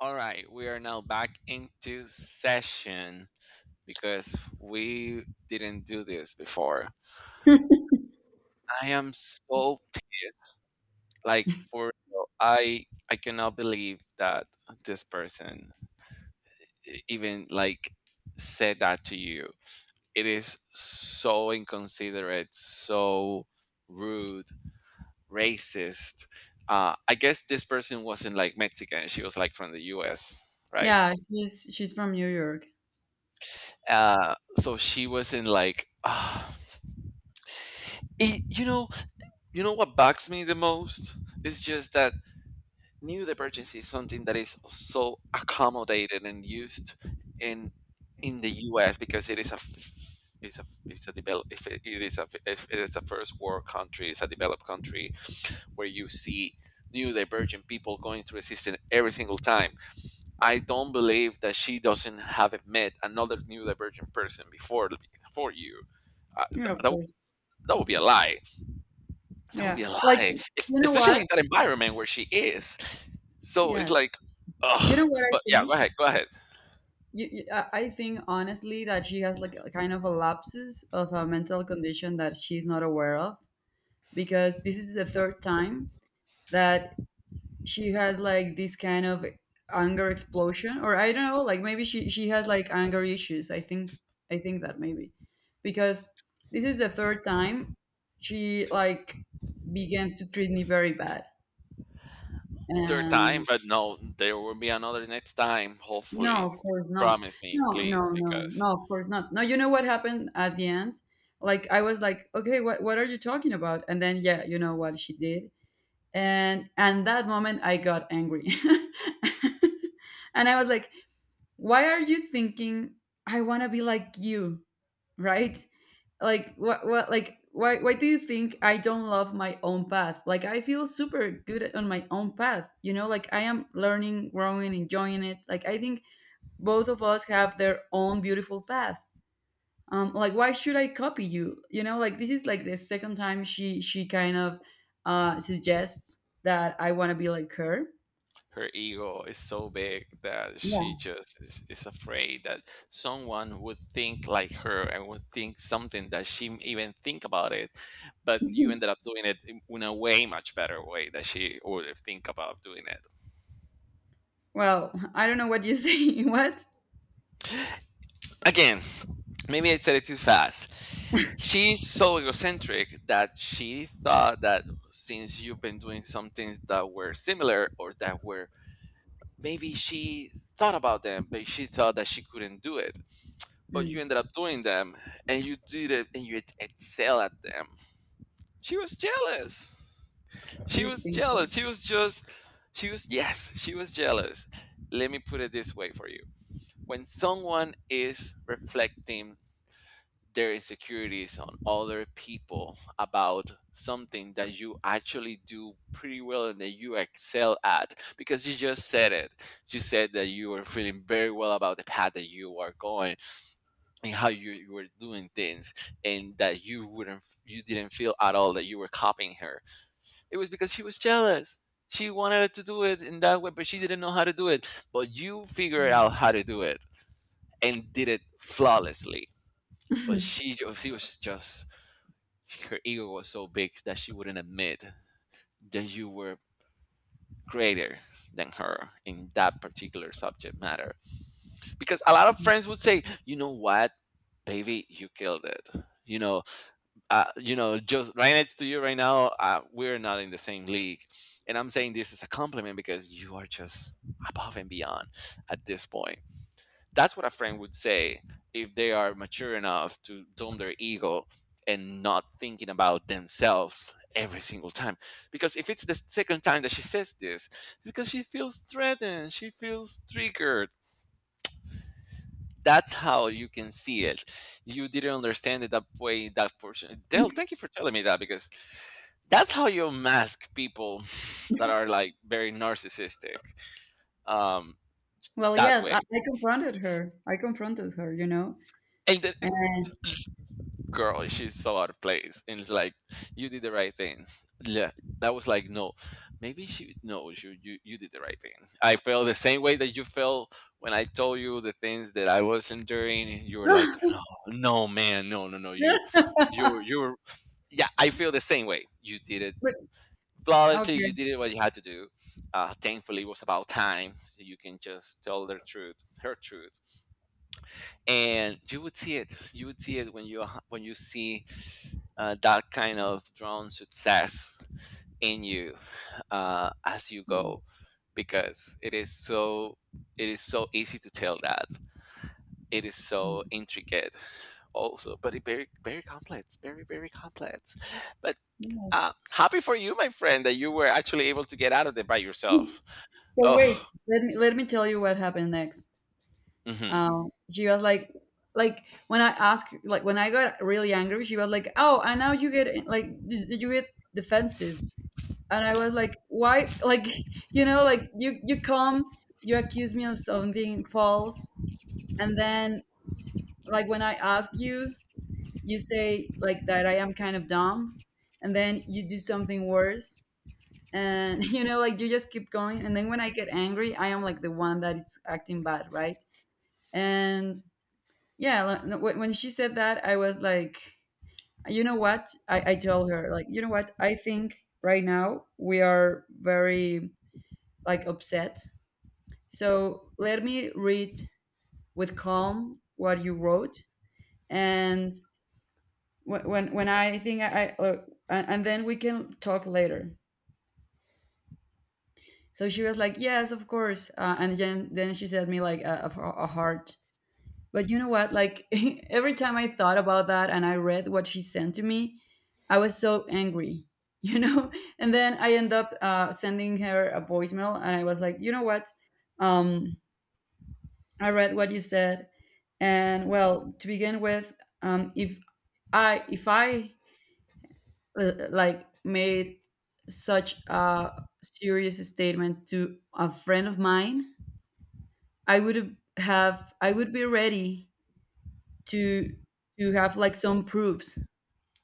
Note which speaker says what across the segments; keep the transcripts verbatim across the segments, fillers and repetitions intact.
Speaker 1: All right, we are now back into session because we didn't do this before. I am so pissed. Like for real, I I cannot believe that this person e- even like said that to you. It is so inconsiderate, so rude, racist. Uh, I guess this person wasn't like Mexican. She was like from the U S, right?
Speaker 2: Yeah, she's she's from New York.
Speaker 1: Uh, so she was in like, ah, it- you know, you know what bugs me the most is just that new divergency is something that is so accommodated and used in in the U S because it is a f- it's a it's a develop if it, it is a if it is a first world country, it's a developed country where you see new divergent people going through a system every single time. I don't believe that she doesn't have met another neurodivergent person before before you. Uh, th-
Speaker 2: Yeah, of
Speaker 1: that,
Speaker 2: course.
Speaker 1: would- that would be a lie. That would
Speaker 2: Yeah,
Speaker 1: be a
Speaker 2: like
Speaker 1: lie,
Speaker 2: you
Speaker 1: es-
Speaker 2: know
Speaker 1: especially
Speaker 2: what?
Speaker 1: in that environment where she is. So it's
Speaker 2: Yeah,
Speaker 1: like,
Speaker 2: you know
Speaker 1: ugh.
Speaker 2: what I
Speaker 1: But yeah, go
Speaker 2: think.
Speaker 1: ahead, go ahead.
Speaker 2: You, you, I I think honestly that she has like a kind of a lapsus of a mental condition that she's not aware of because this is the third time that she had like this kind of anger explosion, or I don't know, like maybe she she had like anger issues. I think I think that maybe because this is the third time she like begins to treat me very bad.
Speaker 1: Third time,
Speaker 2: And
Speaker 1: but no, there will be another next time.
Speaker 2: no,
Speaker 1: Hopefully,
Speaker 2: of course not.
Speaker 1: promise me,
Speaker 2: No, no,
Speaker 1: please,
Speaker 2: no, no,
Speaker 1: because
Speaker 2: of course not. No, you know what happened at the end? Like I was like, okay, what what are you talking about? And then yeah, you know what she did. And and that moment I got angry. And I was like, why are you thinking I want to be like you? Right? Like what what like why why do you think I don't love my own path? Like I feel super good on my own path. You know, like I am learning, growing, enjoying it. Like I think both of us have their own beautiful path. Um like why should I copy you? You know, like this is like the second time she she kind of uh suggests that I want to be like her.
Speaker 1: her ego is so big that she
Speaker 2: Yeah.
Speaker 1: just is, is afraid that someone would think like her and would think something that she m- even think about it, but you ended up doing it in in a way much better way that she would have think about doing it.
Speaker 2: Well, I don't know what you say. What?
Speaker 1: Again, maybe I said it too fast. She's so egocentric that she thought that since you've been doing some things that were similar or that were maybe she thought about them, but she thought that she couldn't do it, but you
Speaker 2: Mm,
Speaker 1: ended up doing them, and you did it and you excel at them. She was jealous.
Speaker 2: do
Speaker 1: She
Speaker 2: you
Speaker 1: was
Speaker 2: think so?
Speaker 1: jealous. She was just, she was, yes, she was jealous. Let me put it this way for you. When someone is reflecting their insecurities on other people about something that you actually do pretty well and that you excel at, because you just said it, you said that you were feeling very well about the path that you are going and how you, you were doing things and that you wouldn't you didn't feel at all that you were copying her, it was because she was jealous. She wanted to do it in that way but she didn't know how to do it, but you figured out how to do it and did it flawlessly. But
Speaker 2: Mm.
Speaker 1: she ju- she was just, her ego was so big that she wouldn't admit that you were greater than her in that particular subject matter, because a lot of friends would say, you know what, baby, you killed it, you know. Uh, you know, just right next to you right now, uh, we're not in the same league. And I'm saying this is a compliment because you are just above and beyond at this point. That's what a friend would say if they are mature enough to dumb their ego and not thinking about themselves every single time. Because if it's the second time that she says this, because she feels threatened, she feels triggered. That's how you can see it. You didn't understand it that way. That portion. Dale, thank you for telling me that, because that's how you mask people that are like very narcissistic, um
Speaker 2: Well,
Speaker 1: that
Speaker 2: yes, I,
Speaker 1: way.
Speaker 2: I confronted her. I confronted her, you know.
Speaker 1: And the the
Speaker 2: And
Speaker 1: girl, she's so out of place, and it's like you did the right thing, yeah. That was like, no, maybe she knows you you, you did the right thing. I felt the same way that you felt when I told you the things that I was enduring, and you were like, no, no, man, no, no, no, you you're you're, yeah, I feel the same way. You did it
Speaker 2: but
Speaker 1: flawlessly.
Speaker 2: okay,
Speaker 1: You did what you had to do. Uh, thankfully it was about time, so you can just tell their truth, her truth. And you would see it, you would see it when you when you see, uh, that kind of drone success in you, uh, as you
Speaker 2: mm,
Speaker 1: go. Because it is so, it is so easy to tell that it is
Speaker 2: mm,
Speaker 1: so intricate also, but it very very complex, very very complex. But
Speaker 2: yes.
Speaker 1: Uh, happy for you, my friend, that you were actually able to get out of it by yourself.
Speaker 2: So wait,
Speaker 1: Oh,
Speaker 2: let me let me tell you what happened next.
Speaker 1: hmm,
Speaker 2: Um, she was like, like when I asked, like when I got really angry, she was like, "Oh, and now you get like, did did you get defensive?" And I was like, "Why? Like, you know, like you you come, you accuse me of something false, and then like when I ask you, you say like that I am kind of dumb, and then you do something worse, and you know, like you just keep going. And then when I get angry, I am like the one that it's acting bad, right? And yeah, like, no, when when she said that, I was like, you know what? I, I told her like, you know what? I think right now we are very like upset. So let me read with calm what you wrote, and Wh- when when I think I, I uh, and then we can talk later. So she was like, yes, of course. Uh, and then then she sent me like a a, a heart. But you know what? Like every time I thought about that and I read what she sent to me, I was so angry, you know. And then I end up uh, sending her a voicemail, and I was like, you know what? Um, I read what you said, and well, to begin with, um, if I if I uh, like made such a serious statement to a friend of mine, i would have I would be ready to to have like some proofs,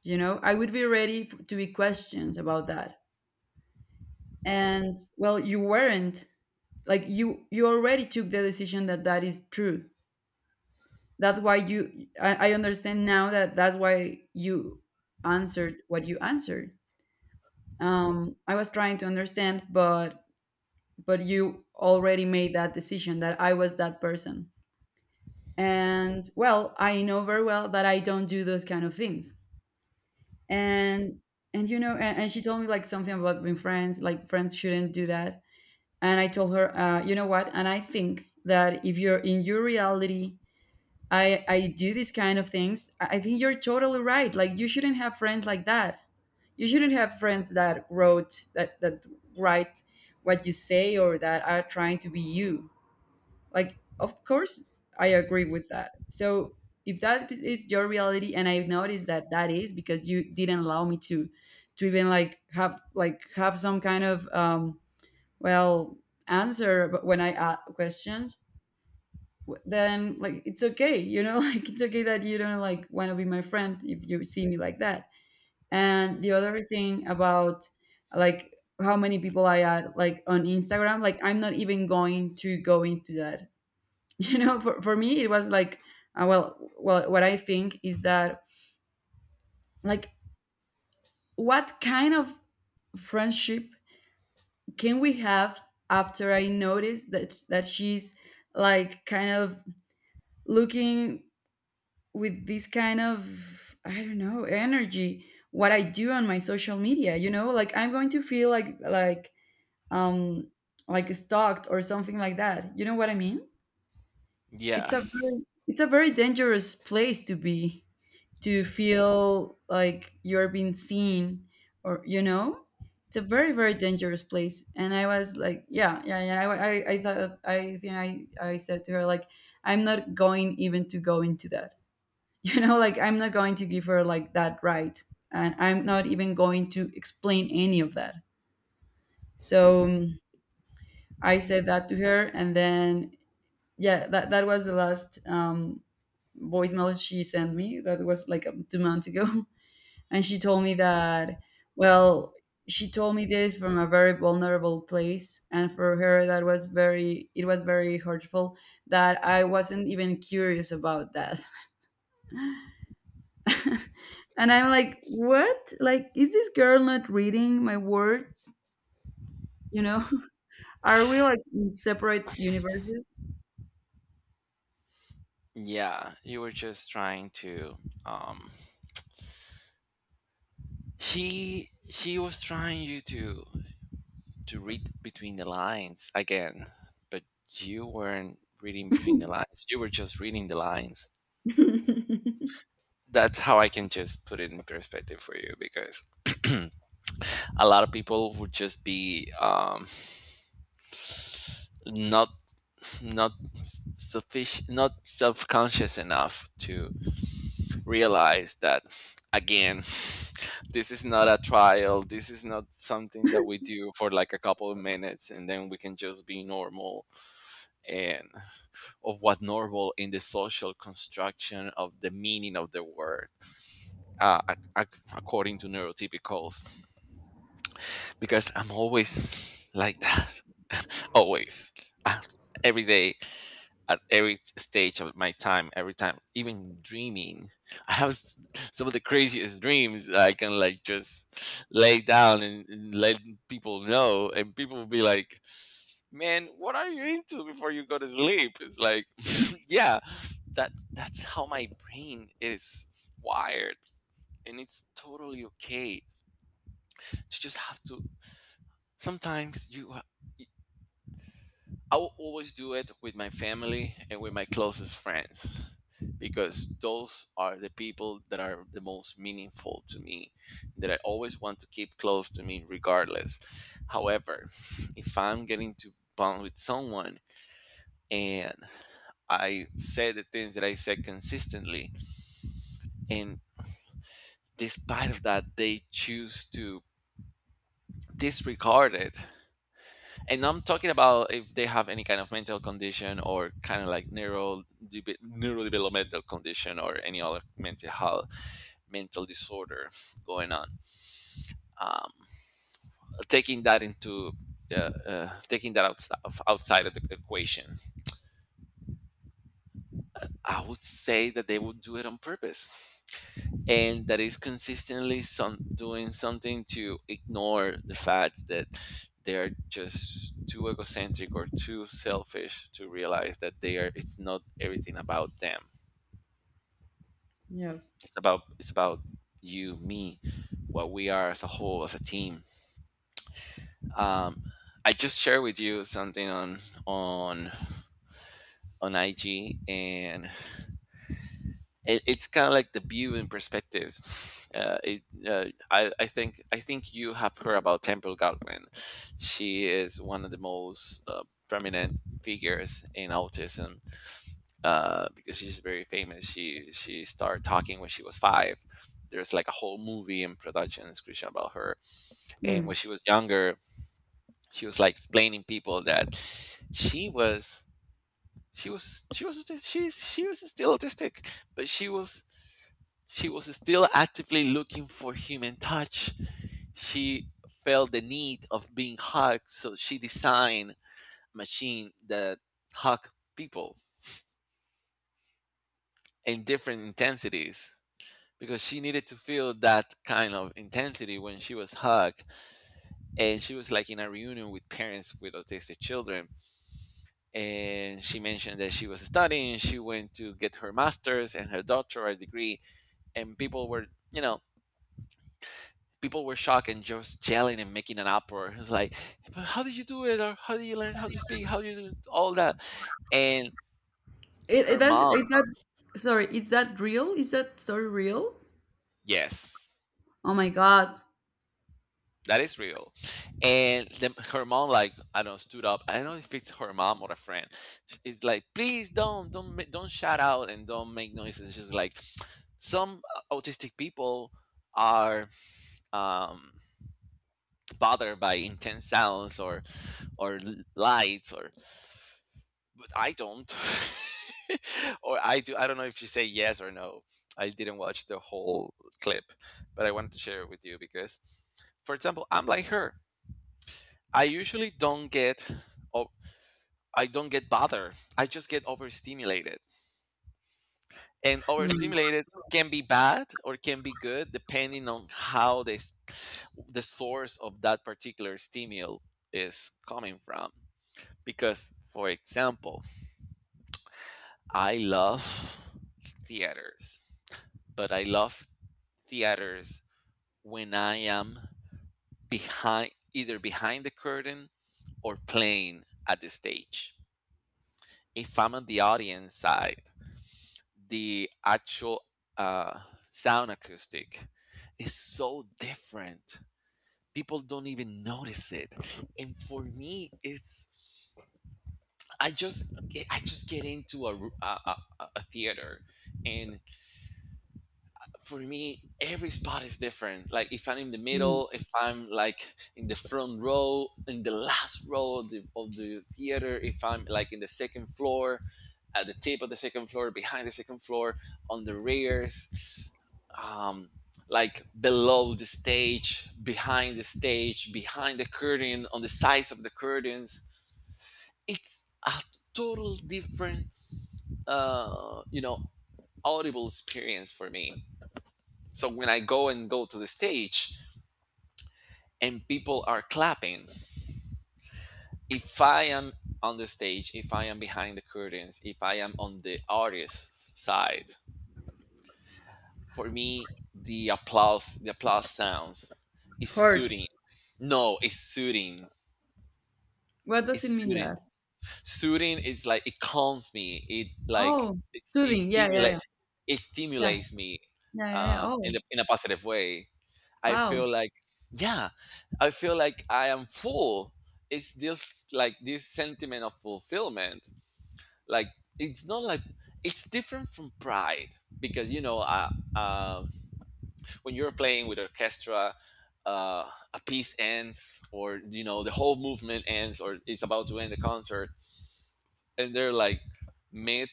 Speaker 2: you know. I would be ready f- to be questioned about that, and well, you weren't. Like you you already took the decision that that is true. That's why you i, I understand now that that's why you answered what you answered. um I was trying to understand, but but you already made that decision that I was that person. And well, I know very well that I don't do those kind of things. And and you know, and, and she told me like something about being friends, like friends shouldn't do that. And I told her, uh, you know what? And I think that if you're in your reality, I I do these kind of things, I I think you're totally right. Like you shouldn't have friends like that. You shouldn't have friends that wrote that that write what you say, or that are trying to be you. Like, of course, I agree with that. So if that is your reality, and I've noticed that that is because you didn't allow me to, to even like have, like have some kind of um well answer, but when I ask questions, w- then like it's okay, you know, like it's okay that you don't like want to be my friend if you see me like that. And the other thing about like how many people I add like on Instagram. Like I'm not even going to go into that. You know, for, for me it was like, uh, well well, what I think is that like what kind of friendship can we have after I notice that that she's like kind of looking with this kind of, I don't know, energy, what I do on my social media? You know, like I'm going to feel like like um like stalked or something like that, you know what I mean. It's a
Speaker 1: yes,
Speaker 2: very, it's a very dangerous place to be, to feel like you're being seen, or you know, it's a very very dangerous place. And I was like, yeah yeah yeah. I, I, I thought i think I, I said to her like, I'm not going even to go into that. You know, like I'm not going to give her like that right, and I'm not even going to explain any of that. So um, I said that to her, and then yeah, that, that was the last um voicemail she sent me. That was like um, two months ago. And she told me that, well, she told me this from a very vulnerable place, and for her that was very, it was very hurtful that I wasn't even curious about that. And I'm like, what, like is this girl not reading my words? You know. Are we like in separate universes?
Speaker 1: yeah. You were just trying to. Um, he he was trying you to to read between the lines again, but you weren't reading between the lines. You were just reading the lines. That's how I can just put it in perspective for you, because a lot of people would just be um, not not sufficient, not self-conscious enough to realize that, again, this is not a trial, this is not something that we do for like a couple of minutes and then we can just be normal, and of what normal in the social construction of the meaning of the word, uh, ac- ac- according to neurotypicals, because I'm always like that. Always. Uh, every day, at every t- stage of my time, every time, even dreaming. I have s- some of the craziest dreams, that I can like just lay down and, and let people know, and people will be like, "Man, what are you into before you go to sleep?" It's like, yeah, that that's how my brain is wired, and it's totally okay to just have to. Sometimes you ha- I will always do it with my family and with my closest friends, because those are the people that are the most meaningful to me, that I always want to keep close to me regardless. However, if I'm getting to bond with someone and I say the things that I say consistently and despite of that they choose to disregard it, and I'm talking about if they have any kind of mental condition or kind of like neural debe- neurodevelopmental condition or any other mental health, mental disorder going on. Um, Taking that into uh, uh, taking that outside of, outside of the equation, I would say that they would do it on purpose. And that is consistently some doing something to ignore the fact that they are just too egocentric or too selfish to realize that they are, it's not everything about them,
Speaker 2: Yes.
Speaker 1: it's about, it's about you, me, what we are as a whole, as a team. um, I just shared with you something on on on ig, and it, it's kind of like the view and perspectives. Uh, it, uh, I, I think I think you have heard about Temple Godwin. She is one of the most uh, prominent figures in autism, uh, because she's very famous. She she started talking when she was five. There's like a whole movie in production description about her. And
Speaker 2: Hmm.
Speaker 1: when she was younger, she was like explaining people that she was she was she was autis- she's she was still autistic, but she was she was still actively looking for human touch. She felt the need of being hugged, so she designed a machine that hugged people in different intensities, because she needed to feel that kind of intensity when she was hugged. And she was like in a reunion with parents with autistic children. And she mentioned that she was studying, she went to get her master's and her doctoral degree, and people were, you know, people were shocked and just yelling and making an uproar. It's like, but how did you do it? Or how did you learn how to speak? How do you do all that? And
Speaker 2: It, it
Speaker 1: her
Speaker 2: that's
Speaker 1: mom,
Speaker 2: is that, sorry, is that real? Is that story real?
Speaker 1: yes,
Speaker 2: Oh my god.
Speaker 1: that is real. And then her mom, like, I don't know, stood up. I don't know if it's her mom or a friend. It's like, please don't, don't, ma- don't shout out and don't make noises. It's just like some autistic people are um, bothered by intense sounds or or l- lights or, but I don't. Or I do. I don't know if you say yes or no. I didn't watch the whole clip, but I wanted to share it with you because, for example, I'm like her. I usually don't get, oh, I don't get bothered. I just get overstimulated, and
Speaker 2: Hmm.
Speaker 1: overstimulated can be bad or can be good depending on how this, the source of that particular stimulus is coming from. Because, for example, I love theaters. But I love theaters when I am behind, either behind the curtain or playing at the stage. If I'm on the audience side, the actual uh, sound acoustic is so different. People don't even notice it, and for me, it's I just get, I just get into a, ru- a, a, a a theater. And for me every spot is different. Like if I'm in the
Speaker 2: Hmm.
Speaker 1: middle, if I'm like in the front row, in the last row of the, of the theater, if I'm like in the second floor, at the tip of the second floor, behind the second floor, on the rears, um like below the stage, behind the stage, behind the curtain, on the sides of the curtains. It's a total different uh you know audible experience for me. So when I go and go to the stage and people are clapping, if I am on the stage, if I am behind the curtains, if I am on the artist's side, for me the applause, the applause sounds is
Speaker 2: Hurt.
Speaker 1: soothing. No, it's soothing.
Speaker 2: What does
Speaker 1: It's
Speaker 2: it mean
Speaker 1: soothing.
Speaker 2: that?
Speaker 1: Soothing is like it calms me. It like
Speaker 2: Oh,
Speaker 1: it, it
Speaker 2: soothing. Yeah, yeah, yeah.
Speaker 1: stimulates it
Speaker 2: Yeah,
Speaker 1: stimulates me
Speaker 2: yeah, yeah, yeah.
Speaker 1: uh, in
Speaker 2: Oh,
Speaker 1: the in a positive way. I
Speaker 2: wow.
Speaker 1: feel like, yeah, I feel like I am full. It's just like this sentiment of fulfillment. Like it's not like it's different from pride because you know, uh, uh, when you're playing with orchestra, uh, a piece ends, or you know, the whole movement ends, or it's about to end the concert. And they're like mid,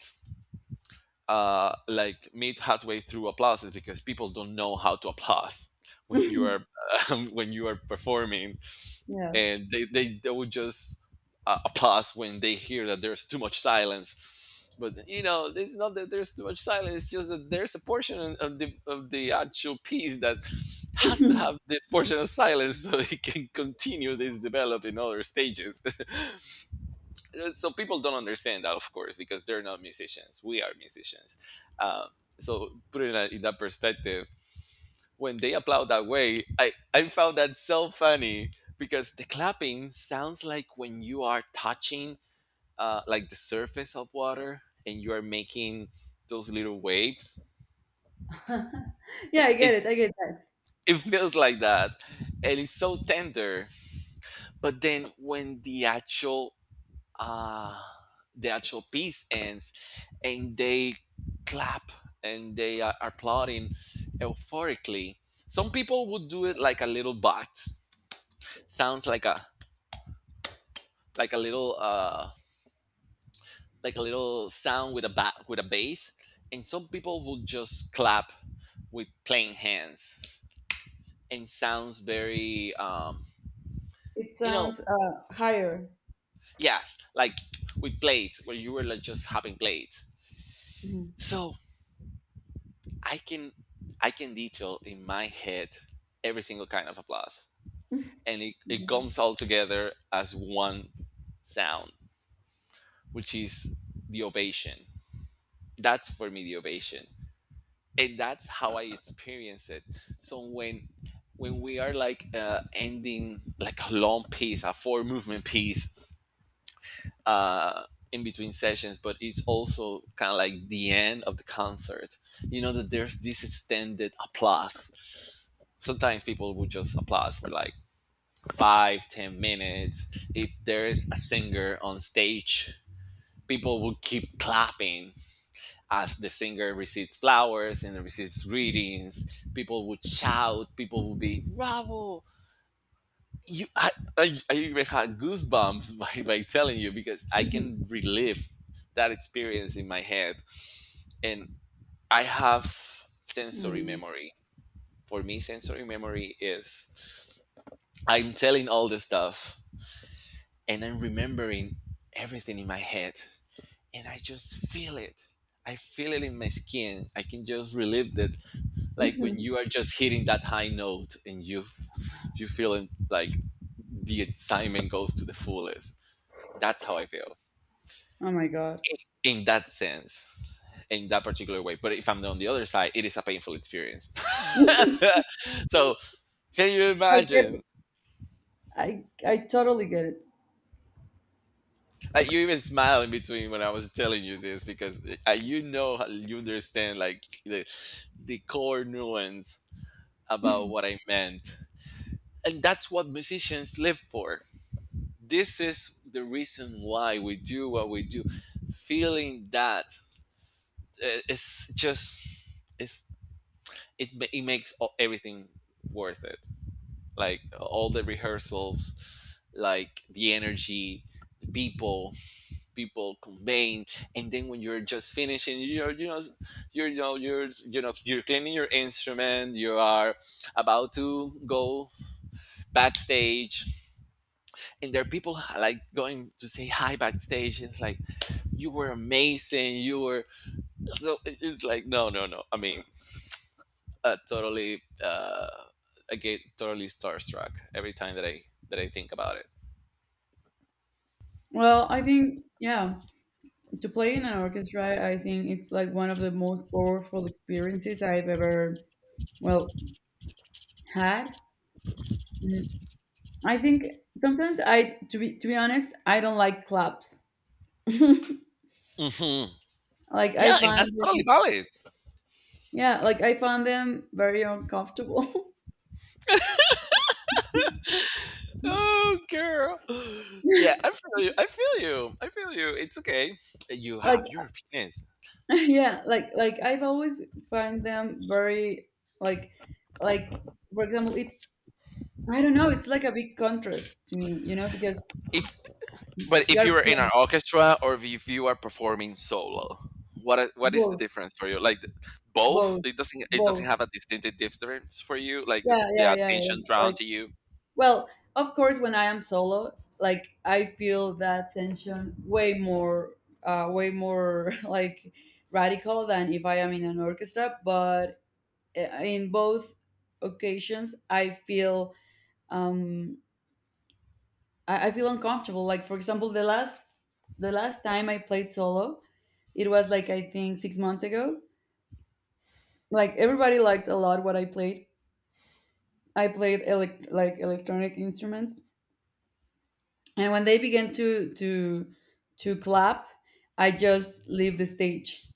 Speaker 1: uh, like mid halfway through applauses because people don't know how to applause when you are when you are performing.
Speaker 2: Yes.
Speaker 1: And they they, they would just uh, applaud when they hear that there's too much silence. But you know, it's not that there's too much silence. It's just that there's a portion of the of the actual piece that has to have this portion of silence so it can continue this develop in other stages. So people don't understand that, of course, because they're not musicians. We are musicians. Um, so put it in, that- in that perspective, when they applaud that way, I, I found that so funny because the clapping sounds like when you are touching uh, like the surface of water, and you are making those little waves.
Speaker 2: Yeah, I get it.
Speaker 1: It's
Speaker 2: I get that.
Speaker 1: it feels like that, and it's so tender. But then when the actual uh, the actual piece ends, and they clap and they are applauding euphorically, some people would do it like a little bot, sounds like a like a little uh like a little sound with a ba- with a bass, and some people will just clap with plain hands and sounds very um
Speaker 2: It
Speaker 1: you know
Speaker 2: sounds uh, higher.
Speaker 1: yeah, like with plates where you were like just hopping plates.
Speaker 2: Mhm.
Speaker 1: So i can i can detail in my head every single kind of applause, and it, it
Speaker 2: Mhm.
Speaker 1: comes all together as one sound, which is the ovation. That's, for me, the ovation, and that's how I experience it. So when when we are like uh, ending like a long piece, a four movement piece, uh, in between sessions, but it's also kind of like the end of the concert. You know that there's this extended applause. Sometimes people would just applaud for like five, ten minutes. If there is a singer on stage, people would keep clapping as the singer receives flowers and receives greetings, people would shout, people would be bravo. You, I, I, I even had goosebumps by, by telling you because I
Speaker 2: Mhm.
Speaker 1: can relive that experience in my head. And I have sensory
Speaker 2: Mhm.
Speaker 1: memory. For me, sensory memory is I'm telling all this stuff and I'm remembering everything in my head and I just feel it. I feel it in my skin. I can just relive that, like when
Speaker 2: Mhm.
Speaker 1: you are just hitting that high note and you you feeling like the excitement goes to the fullest. That's how I feel
Speaker 2: Oh my God.
Speaker 1: in that sense, in that particular way. But if I'm on the other side, it is a painful experience. So can you
Speaker 2: I get it.
Speaker 1: imagine?
Speaker 2: I, I totally get it.
Speaker 1: Like you even smile in between when I was telling you this because uh, you know you understand like the the core nuance about what I meant. And that's what musicians live for. This is the reason why we do what we do. Feeling that uh, it's just it's it it makes everything worth it. Like all the rehearsals, like the energy, the people, people conveying. And then when you're just finishing, you're you know you're you know you're you know you're cleaning your instrument, you are about to go backstage, and there are people like going to say hi backstage, and it's like, you were amazing, you were so it's like, no, no, no, I mean, uh, totally, uh I get totally starstruck every time that i that i think about it.
Speaker 2: Well, I think, yeah, to play in an orchestra, I think it's like one of the most powerful experiences I've ever, well, had. I think sometimes I, to be to be honest, I don't like claps.
Speaker 1: Hmm.
Speaker 2: Like I
Speaker 1: Yeah, and
Speaker 2: find
Speaker 1: that's totally
Speaker 2: them,
Speaker 1: valid.
Speaker 2: yeah, like I find them very uncomfortable.
Speaker 1: Oh girl, yeah, I feel you, I feel you, I feel you. It's okay, you
Speaker 2: Like
Speaker 1: have your opinions.
Speaker 2: yeah, like like I've always find them very like like for example, it's, I don't know, it's like a big contrast to me, you know, because
Speaker 1: If But
Speaker 2: you
Speaker 1: if
Speaker 2: are
Speaker 1: you're in an
Speaker 2: playing
Speaker 1: orchestra, or if you are performing solo, what are- what is the
Speaker 2: both,
Speaker 1: difference for you? Like th- both?
Speaker 2: both,
Speaker 1: It doesn't it doesn't
Speaker 2: both.
Speaker 1: have a distinctive difference for you. Like the,
Speaker 2: Yeah,
Speaker 1: the
Speaker 2: yeah, yeah, yeah,
Speaker 1: attention
Speaker 2: yeah.
Speaker 1: drawn to you.
Speaker 2: Well, of course, when I am solo, like I feel that tension way more, uh, way more like radical than if I am in an orchestra. But eh, in both occasions, I feel um, I, I feel uncomfortable. Like for example, the last the last time I played solo, it was like I think six months ago. Like everybody liked a lot what I played. I played elec- like electronic instruments, and when they began to to to clap, I just leave the stage.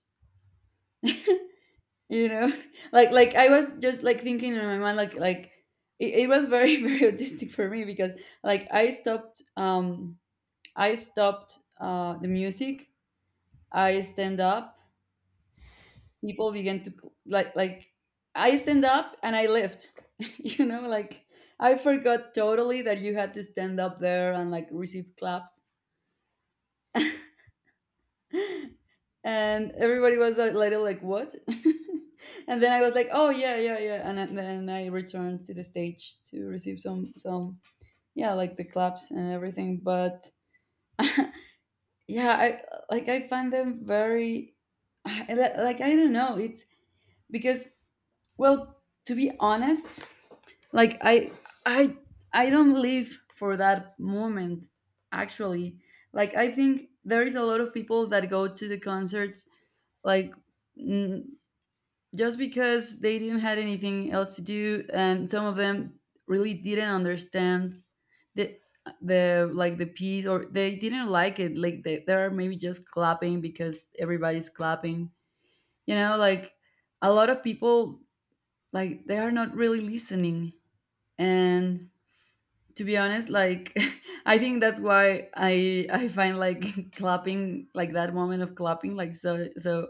Speaker 2: You know, like like I was just like thinking in my mind like like it, it was very, very autistic for me because like i stopped um I stopped uh the music. I stand up, people began to cl- like like I stand up and I left. You know, like I forgot totally that you had to stand up there and like receive claps. And everybody was a little like, what? And then I was like, oh yeah yeah yeah, and then- then I returned to the stage to receive some some yeah, like the claps and everything. But yeah, I like, I, find them very I, li- like I don't know, it's because, well, to be honest, like i i I don't live for that moment, actually. Like I think there is a lot of people that go to the concerts like just because they didn't had anything else to do, and some of them really didn't understand the the like the piece, or they didn't like it, like they, they are maybe just clapping because everybody's clapping, you know. Like a lot of people, like they are not really listening. And to be honest, like I think that's why I I find like, clapping, like that moment of clapping, like so so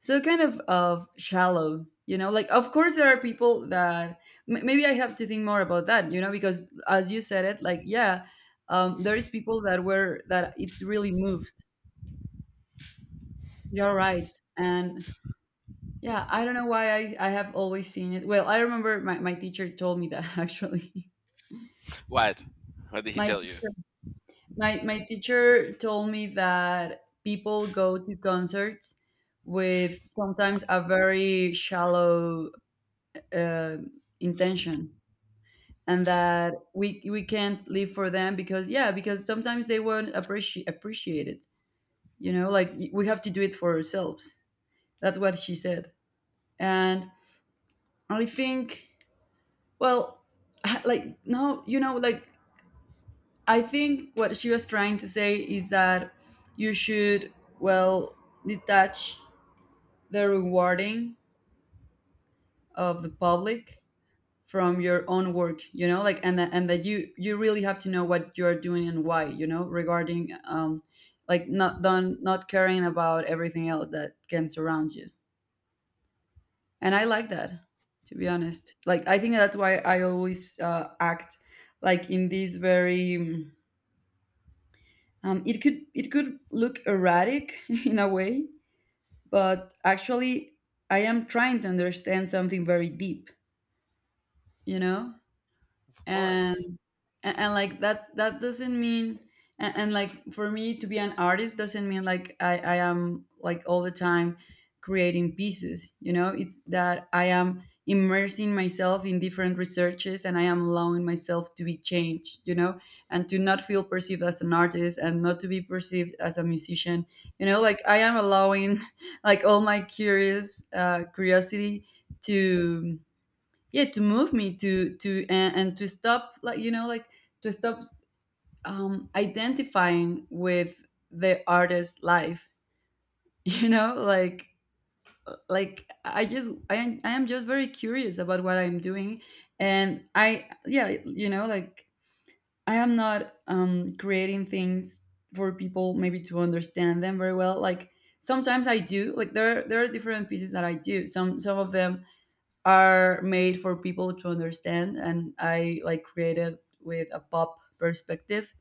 Speaker 2: so kind of of shallow, you know. Like, of course, there are people that, m- maybe I have to think more about that, you know, because as you said it, like yeah, um, there is people that were that it's really moved You're right. And yeah, I don't know why i, I have always seen it. Well, I remember my, my teacher told me that, actually
Speaker 1: What? What did he
Speaker 2: my
Speaker 1: tell you?
Speaker 2: teacher, my my teacher told me that people go to concerts with sometimes a very shallow uh, intention, and that we we can't live for them because yeah, because sometimes they won't appreciate appreciate it, you know, like y- we have to do it for ourselves. That's what she said. And I think, well, like no, you know, like I think what she was trying to say is that you should, well, detach the rewarding of the public from your own work, you know, like and that- and that you you really have to know what you're doing and why, you know, regarding um like not done, not caring about everything else that can surround you. And I like that. To be honest, like I think that's why I always uh, act like in this very um it could, it could look erratic in a way, but actually I am trying to understand something very deep, you know.
Speaker 1: Of
Speaker 2: And
Speaker 1: course.
Speaker 2: and, and like that, that doesn't mean, and, and like for me to be an artist doesn't mean like I, I am like all the time creating pieces, you know. It's that I am immersing myself in different researches, and I am allowing myself to be changed, you know, and to not feel perceived as an artist and not to be perceived as a musician, you know. Like I am allowing like all my curious uh, curiosity to, yeah, to move me to to and, and to stop, like, you know, like to stop um identifying with the artist's life. You know, like like I just i I am just very curious about what I'm doing. And I, yeah, you know, like I am not um creating things for people maybe to understand them very well. Like sometimes I do, like there are, there are different pieces that I do. Some some of them are made for people to understand, and I like, created with a pop perspective.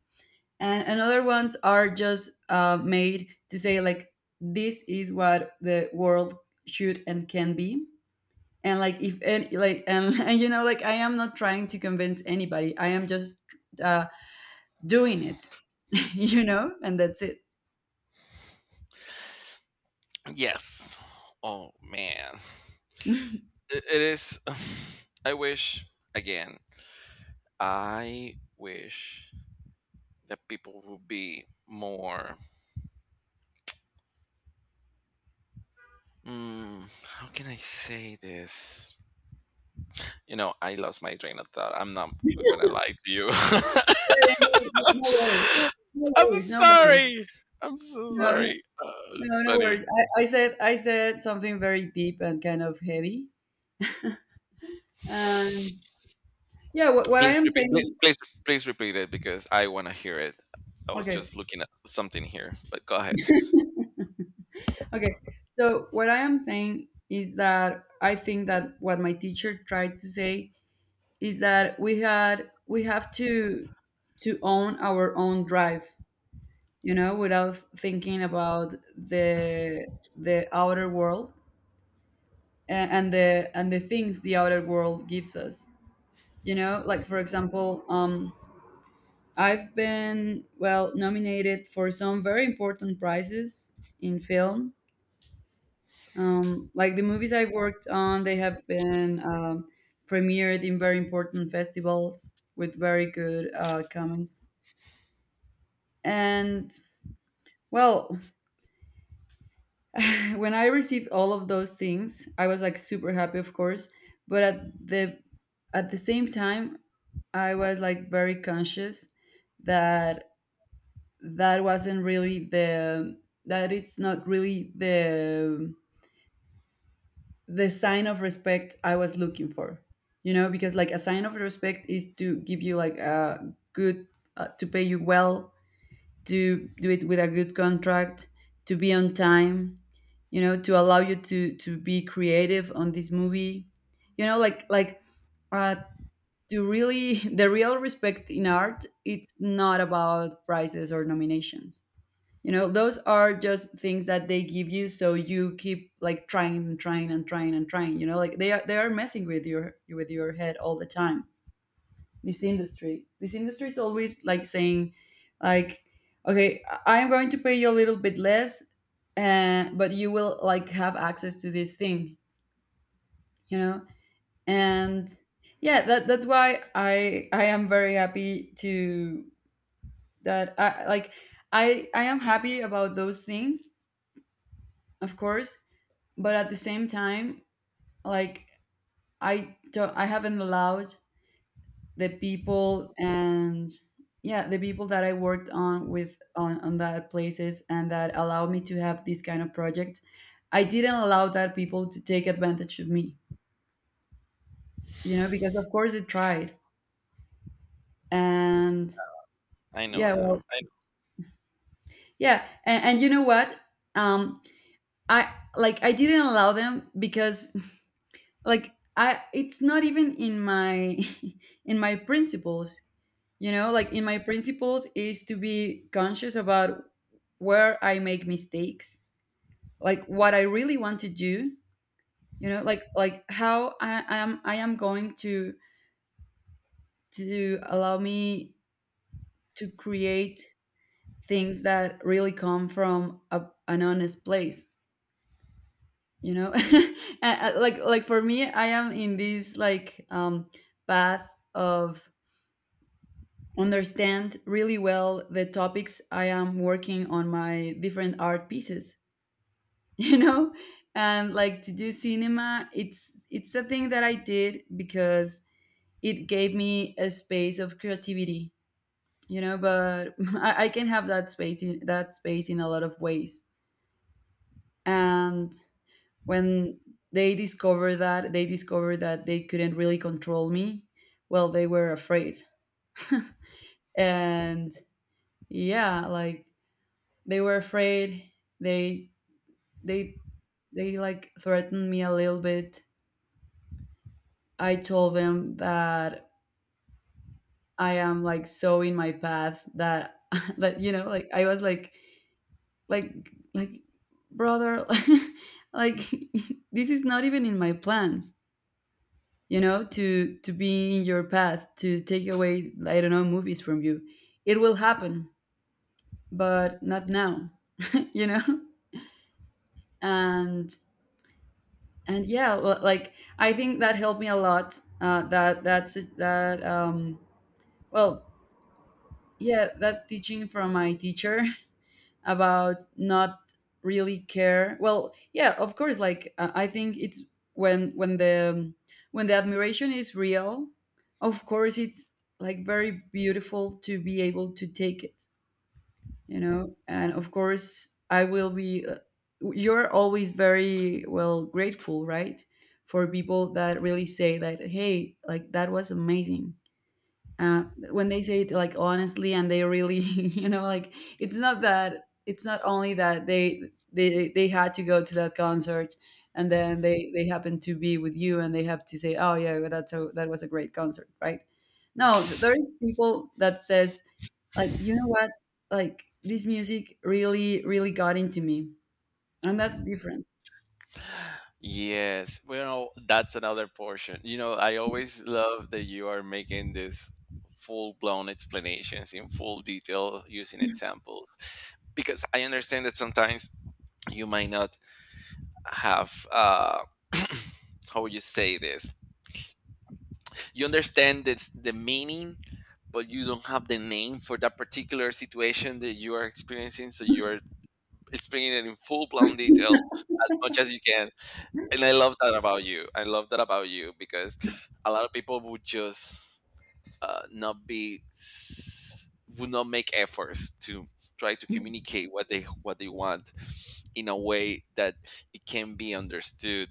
Speaker 2: And another ones are just uh, made to say like this is what the world should and can be. And like if, and like and, and you know, like I am not trying to convince anybody, I am just uh, doing it. You know, and that's it.
Speaker 1: Yes. Oh man, it, it is. I wish again. I wish that people would be more. Mm, how can I say this? You know, I lost my train of thought. I'm not gonna lie to you.
Speaker 2: No worries no worries no
Speaker 1: I'm
Speaker 2: worries no worries.
Speaker 1: sorry. I'm so
Speaker 2: No
Speaker 1: sorry. Uh,
Speaker 2: No,
Speaker 1: it's
Speaker 2: no
Speaker 1: funny.
Speaker 2: worries. I, I said, I said something very deep and kind of heavy. And yeah, what, what I
Speaker 1: Please
Speaker 2: am
Speaker 1: repeat. pl-
Speaker 2: saying.
Speaker 1: Please, please repeat it because I want to hear it. I was
Speaker 2: Okay,
Speaker 1: just looking at something here, but go ahead.
Speaker 2: okay. So what I am saying is that I think that what my teacher tried to say is that we had we have to to own our own drive, you know, without thinking about the the outer world a- and the, and the things the outer world gives us. You know, like for example, um, I've been, well, nominated for some very important prizes in film. Um, like the movies I've worked on, they have been, um, premiered in very important festivals with very good, uh, comments. And, well, when I received all of those things, I was like super happy, of course, but at the, at the same time, I was like very conscious that, that wasn't really the, that it's not really the the sign of respect I was looking for. You know, because like a sign of respect is to give you like a good, uh, to pay you well, to do it with a good contract, to be on time, you know, to allow you to to be creative on this movie. You know, like like uh, to really, the real respect in art, it's not about prizes or nominations. You know, those are just things that they give you so you keep like trying and trying and trying and trying. You know, like they are, they are messing with your, with your head all the time. This industry this industry is always like saying, like, okay, I- am going to pay you a little bit less, and but you will like have access to this thing, you know. And yeah, that, that's why i i am very happy to, that I like, i i am happy about those things, of course, but at the same time, like, I don't, I haven't allowed the people, and yeah, the people that I worked on with, on on that places, and that allowed me to have these kind of projects, I didn't allow that people to take advantage of me, you know, because of course it tried. And
Speaker 1: I know
Speaker 2: yeah, well,
Speaker 1: now. I-
Speaker 2: yeah, and, and you know what, um I, like I didn't allow them because, like, I, it's not even in my in my principles. You know, like in my principles is to be conscious about where I make mistakes, like what I really want to do, you know, like like how I am, I am going to to allow me to create things that really come from a, an honest place, you know? And, uh, like like for me, I am in this like, um, path of understand really well the topics I am working on my different art pieces. You know, and like to do cinema, it's it's a thing that I did because it gave me a space of creativity, you know, but i, I can have that space in, that space in a lot of ways. And when they discovered that they discovered that they couldn't really control me, well, they were afraid. And yeah, like they were afraid, they they they like threatened me a little bit. I told them that I am like so in my path that that you know, like I was like, like like brother, like this is not even in my plans, you know, to to be in your path, to take away, I don't know, movies from you. It will happen, but not now. You know. and and yeah, l- like I think that helped me a lot, uh, that that's that, um, well, yeah, that teaching from my teacher, about not really care. Well, yeah, of course like, uh, I think it's when when the, um, when the admiration is real, of course it's like very beautiful to be able to take it, you know, and of course I will be, uh, you're always very well grateful, right, for people that really say that, hey, like that was amazing, uh, when they say it like honestly and they really you know like, it's not that, it's not only that they, they they had to go to that concert and then they they happen to be with you and they have to say, oh yeah, that's a that was a great concert, right. No, th- there is people that says like, you know what, like this music really really got into me. And that's different.
Speaker 1: yes, well, that's another portion. You know, I always love that you are making this full-blown explanations in full detail using examples because I understand that sometimes you might not have uh, how would you say this? You understand this, the meaning, but you don't have the name for that particular situation that you are experiencing. So you are explaining it in full blown detail as much as you can. And I love that about you. I love that about you because a lot of people would just uh, not be s- would not make efforts to try to communicate what they what they want in a way that it can be understood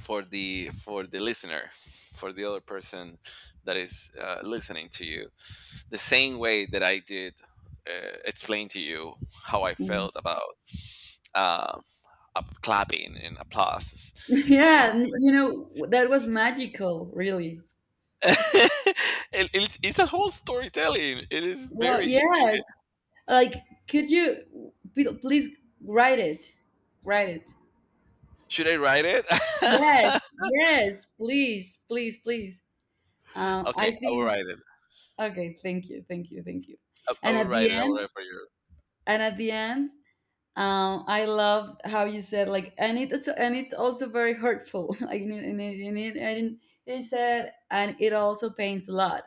Speaker 1: for the for the listener, for the other person that is uh, listening to you, the same way that I did uh, explain to you how I
Speaker 2: Mm.
Speaker 1: felt about uh, up clapping and applause. Eh,
Speaker 2: Yeah, n- you know that was magical, really.
Speaker 1: it, it's, it's a whole storytelling, it is
Speaker 2: Well,
Speaker 1: very
Speaker 2: yes.
Speaker 1: intricate.
Speaker 2: Like, could you p- please write it? Write it.
Speaker 1: Should I write it?
Speaker 2: Yes, yes, please, please, please. Um, I
Speaker 1: Okay, I will
Speaker 2: think.
Speaker 1: write it.
Speaker 2: Okay, thank you, thank you, thank you.
Speaker 1: I, I
Speaker 2: And
Speaker 1: will
Speaker 2: at
Speaker 1: write
Speaker 2: the
Speaker 1: it I will write
Speaker 2: end,
Speaker 1: it for you.
Speaker 2: and at the end, um, I love how you said like, and it's, and it's also very hurtful. Like, and it, and it, and it, and it said, and it also pains a lot,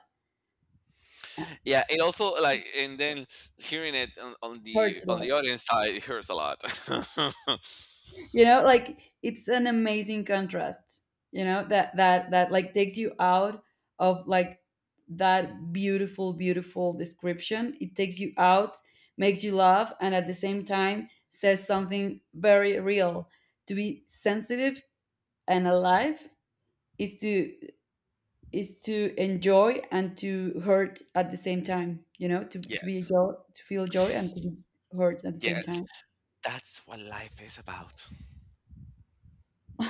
Speaker 2: uh,
Speaker 1: Yeah, it also like, and then hearing it on, on the
Speaker 2: hurts a
Speaker 1: on
Speaker 2: lot.
Speaker 1: the audience side, it hurts a lot.
Speaker 2: You know, like it's an amazing contrast, you know, that that that like takes you out of like that beautiful, beautiful description. It takes you out, makes you laugh, and at the same time says something very real. To be sensitive and alive is to, is to enjoy and to hurt at the same time. You know, to, to be
Speaker 1: Yes,
Speaker 2: joy, to feel joy and to be hurt at the same
Speaker 1: yes.
Speaker 2: time.
Speaker 1: That's what life is about.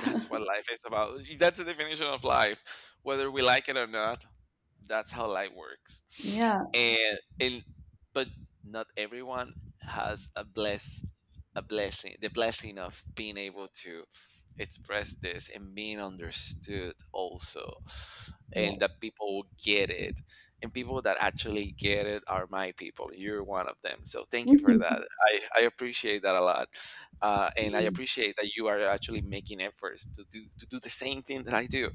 Speaker 1: That's what life is about. That's the definition of life, whether we like it or not. That's how life works.
Speaker 2: Yeah.
Speaker 1: And and but not everyone has a bless a blessing the blessing of being able to express this and being understood also, and
Speaker 2: Yes.
Speaker 1: that people get it, and people that actually get it are my people. You're one of them, so thank you for that. I i appreciate that a lot. Uh, and I appreciate that you are actually making efforts to do to do the same thing that I do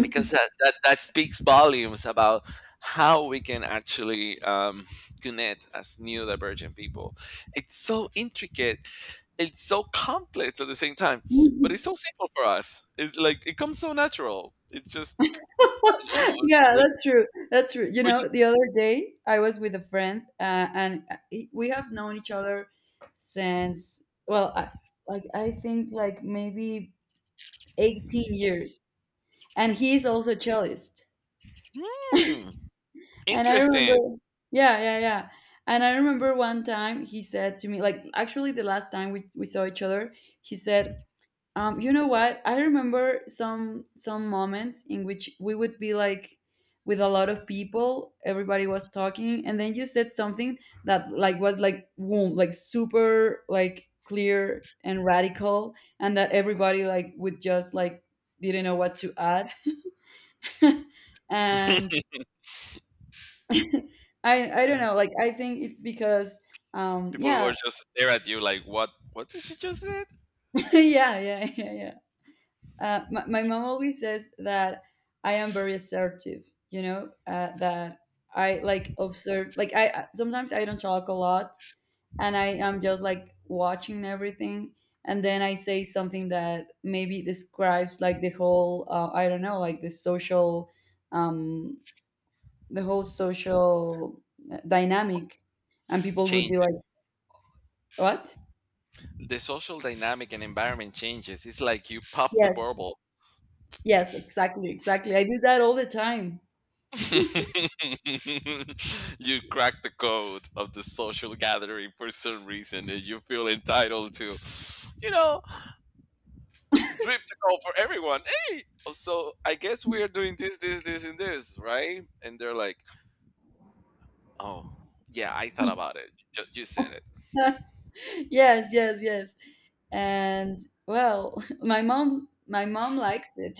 Speaker 1: because that that, that speaks volumes about how we can actually um, connect as new divergent people. It's so intricate, it's so complex at the same time, but it's
Speaker 2: Mhm.
Speaker 1: so simple for us. It's like it comes so natural. It's just you know
Speaker 2: Yeah,
Speaker 1: we're
Speaker 2: that's
Speaker 1: just,
Speaker 2: true. That's true. You
Speaker 1: we're
Speaker 2: know,
Speaker 1: just
Speaker 2: the other day I was with a friend, uh, and uh, we have known each other since, well, I, like I think like maybe eighteen years. And he is also a cellist.
Speaker 1: Hmm,
Speaker 2: And I
Speaker 1: interesting.
Speaker 2: remember, yeah, yeah, yeah. And I remember one time he said to me, like actually the last time we, we saw each other, he said, um, you know what? I remember some some moments in which we would be like with a lot of people, everybody was talking, and then you said something that like was like boom, like super like clear and radical, and that everybody like would just like didn't know what to add. And I I don't know, like I think it's because, um,
Speaker 1: People will
Speaker 2: yeah,
Speaker 1: just stare at you like, what what did she just say?
Speaker 2: yeah, yeah, yeah, yeah. Uh, my, my mom always says that I am very assertive, you know, uh, that I like observe, like I I- sometimes I don't talk a lot and I am just like watching everything. And then I say something that maybe describes like the whole, uh, I don't know, like the social, um, the whole social dynamic. And people would be like,
Speaker 1: Changes.
Speaker 2: what?
Speaker 1: The social dynamic and environment changes. It's like you pop the
Speaker 2: Yes,
Speaker 1: bubble.
Speaker 2: yes, exactly, exactly. I do that all the time.
Speaker 1: You crack the code of the social gathering for some reason, and you feel entitled to, you know, drip the call for everyone. Hey, so I guess we are doing this, this, this, and this, right? And they're like, oh, yeah, I thought about it. Ju- You said it.
Speaker 2: Yes, yes, yes. And, well, my mom my mom likes it.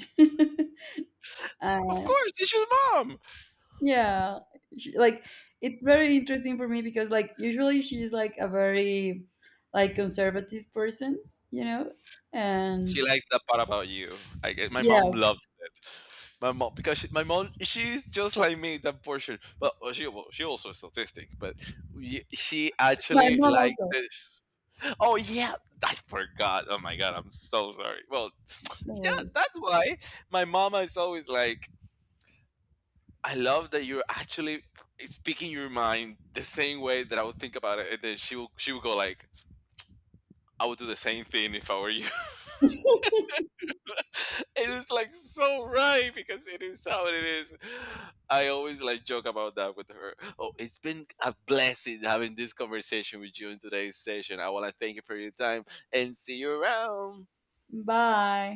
Speaker 1: Of
Speaker 2: Uh,
Speaker 1: course, it's your mom.
Speaker 2: yeah, she- like it's very interesting for me because like usually she's like a very like conservative person, you know.
Speaker 1: She
Speaker 2: And
Speaker 1: likes that part about you. I guess my mom
Speaker 2: yes,
Speaker 1: loves it. My mom because she, my mom she's just like me that portion. But well, she well, she also is autistic. But y- she
Speaker 2: my
Speaker 1: actually
Speaker 2: mom
Speaker 1: likes
Speaker 2: also.
Speaker 1: it. Oh yeah, I forgot. Oh my god, I'm so sorry. Well,
Speaker 2: No
Speaker 1: yeah,
Speaker 2: worries.
Speaker 1: that's why my mama is always like, I love that you're actually speaking your mind the same way that I would think about it, and then she will she will go like, I would do the same thing if I were you. It's like so right because it is how it is. I always like joke about that with her. Oh, it's been a blessing having this conversation with you in today's session. I want to thank you for your time and see you around.
Speaker 2: Bye.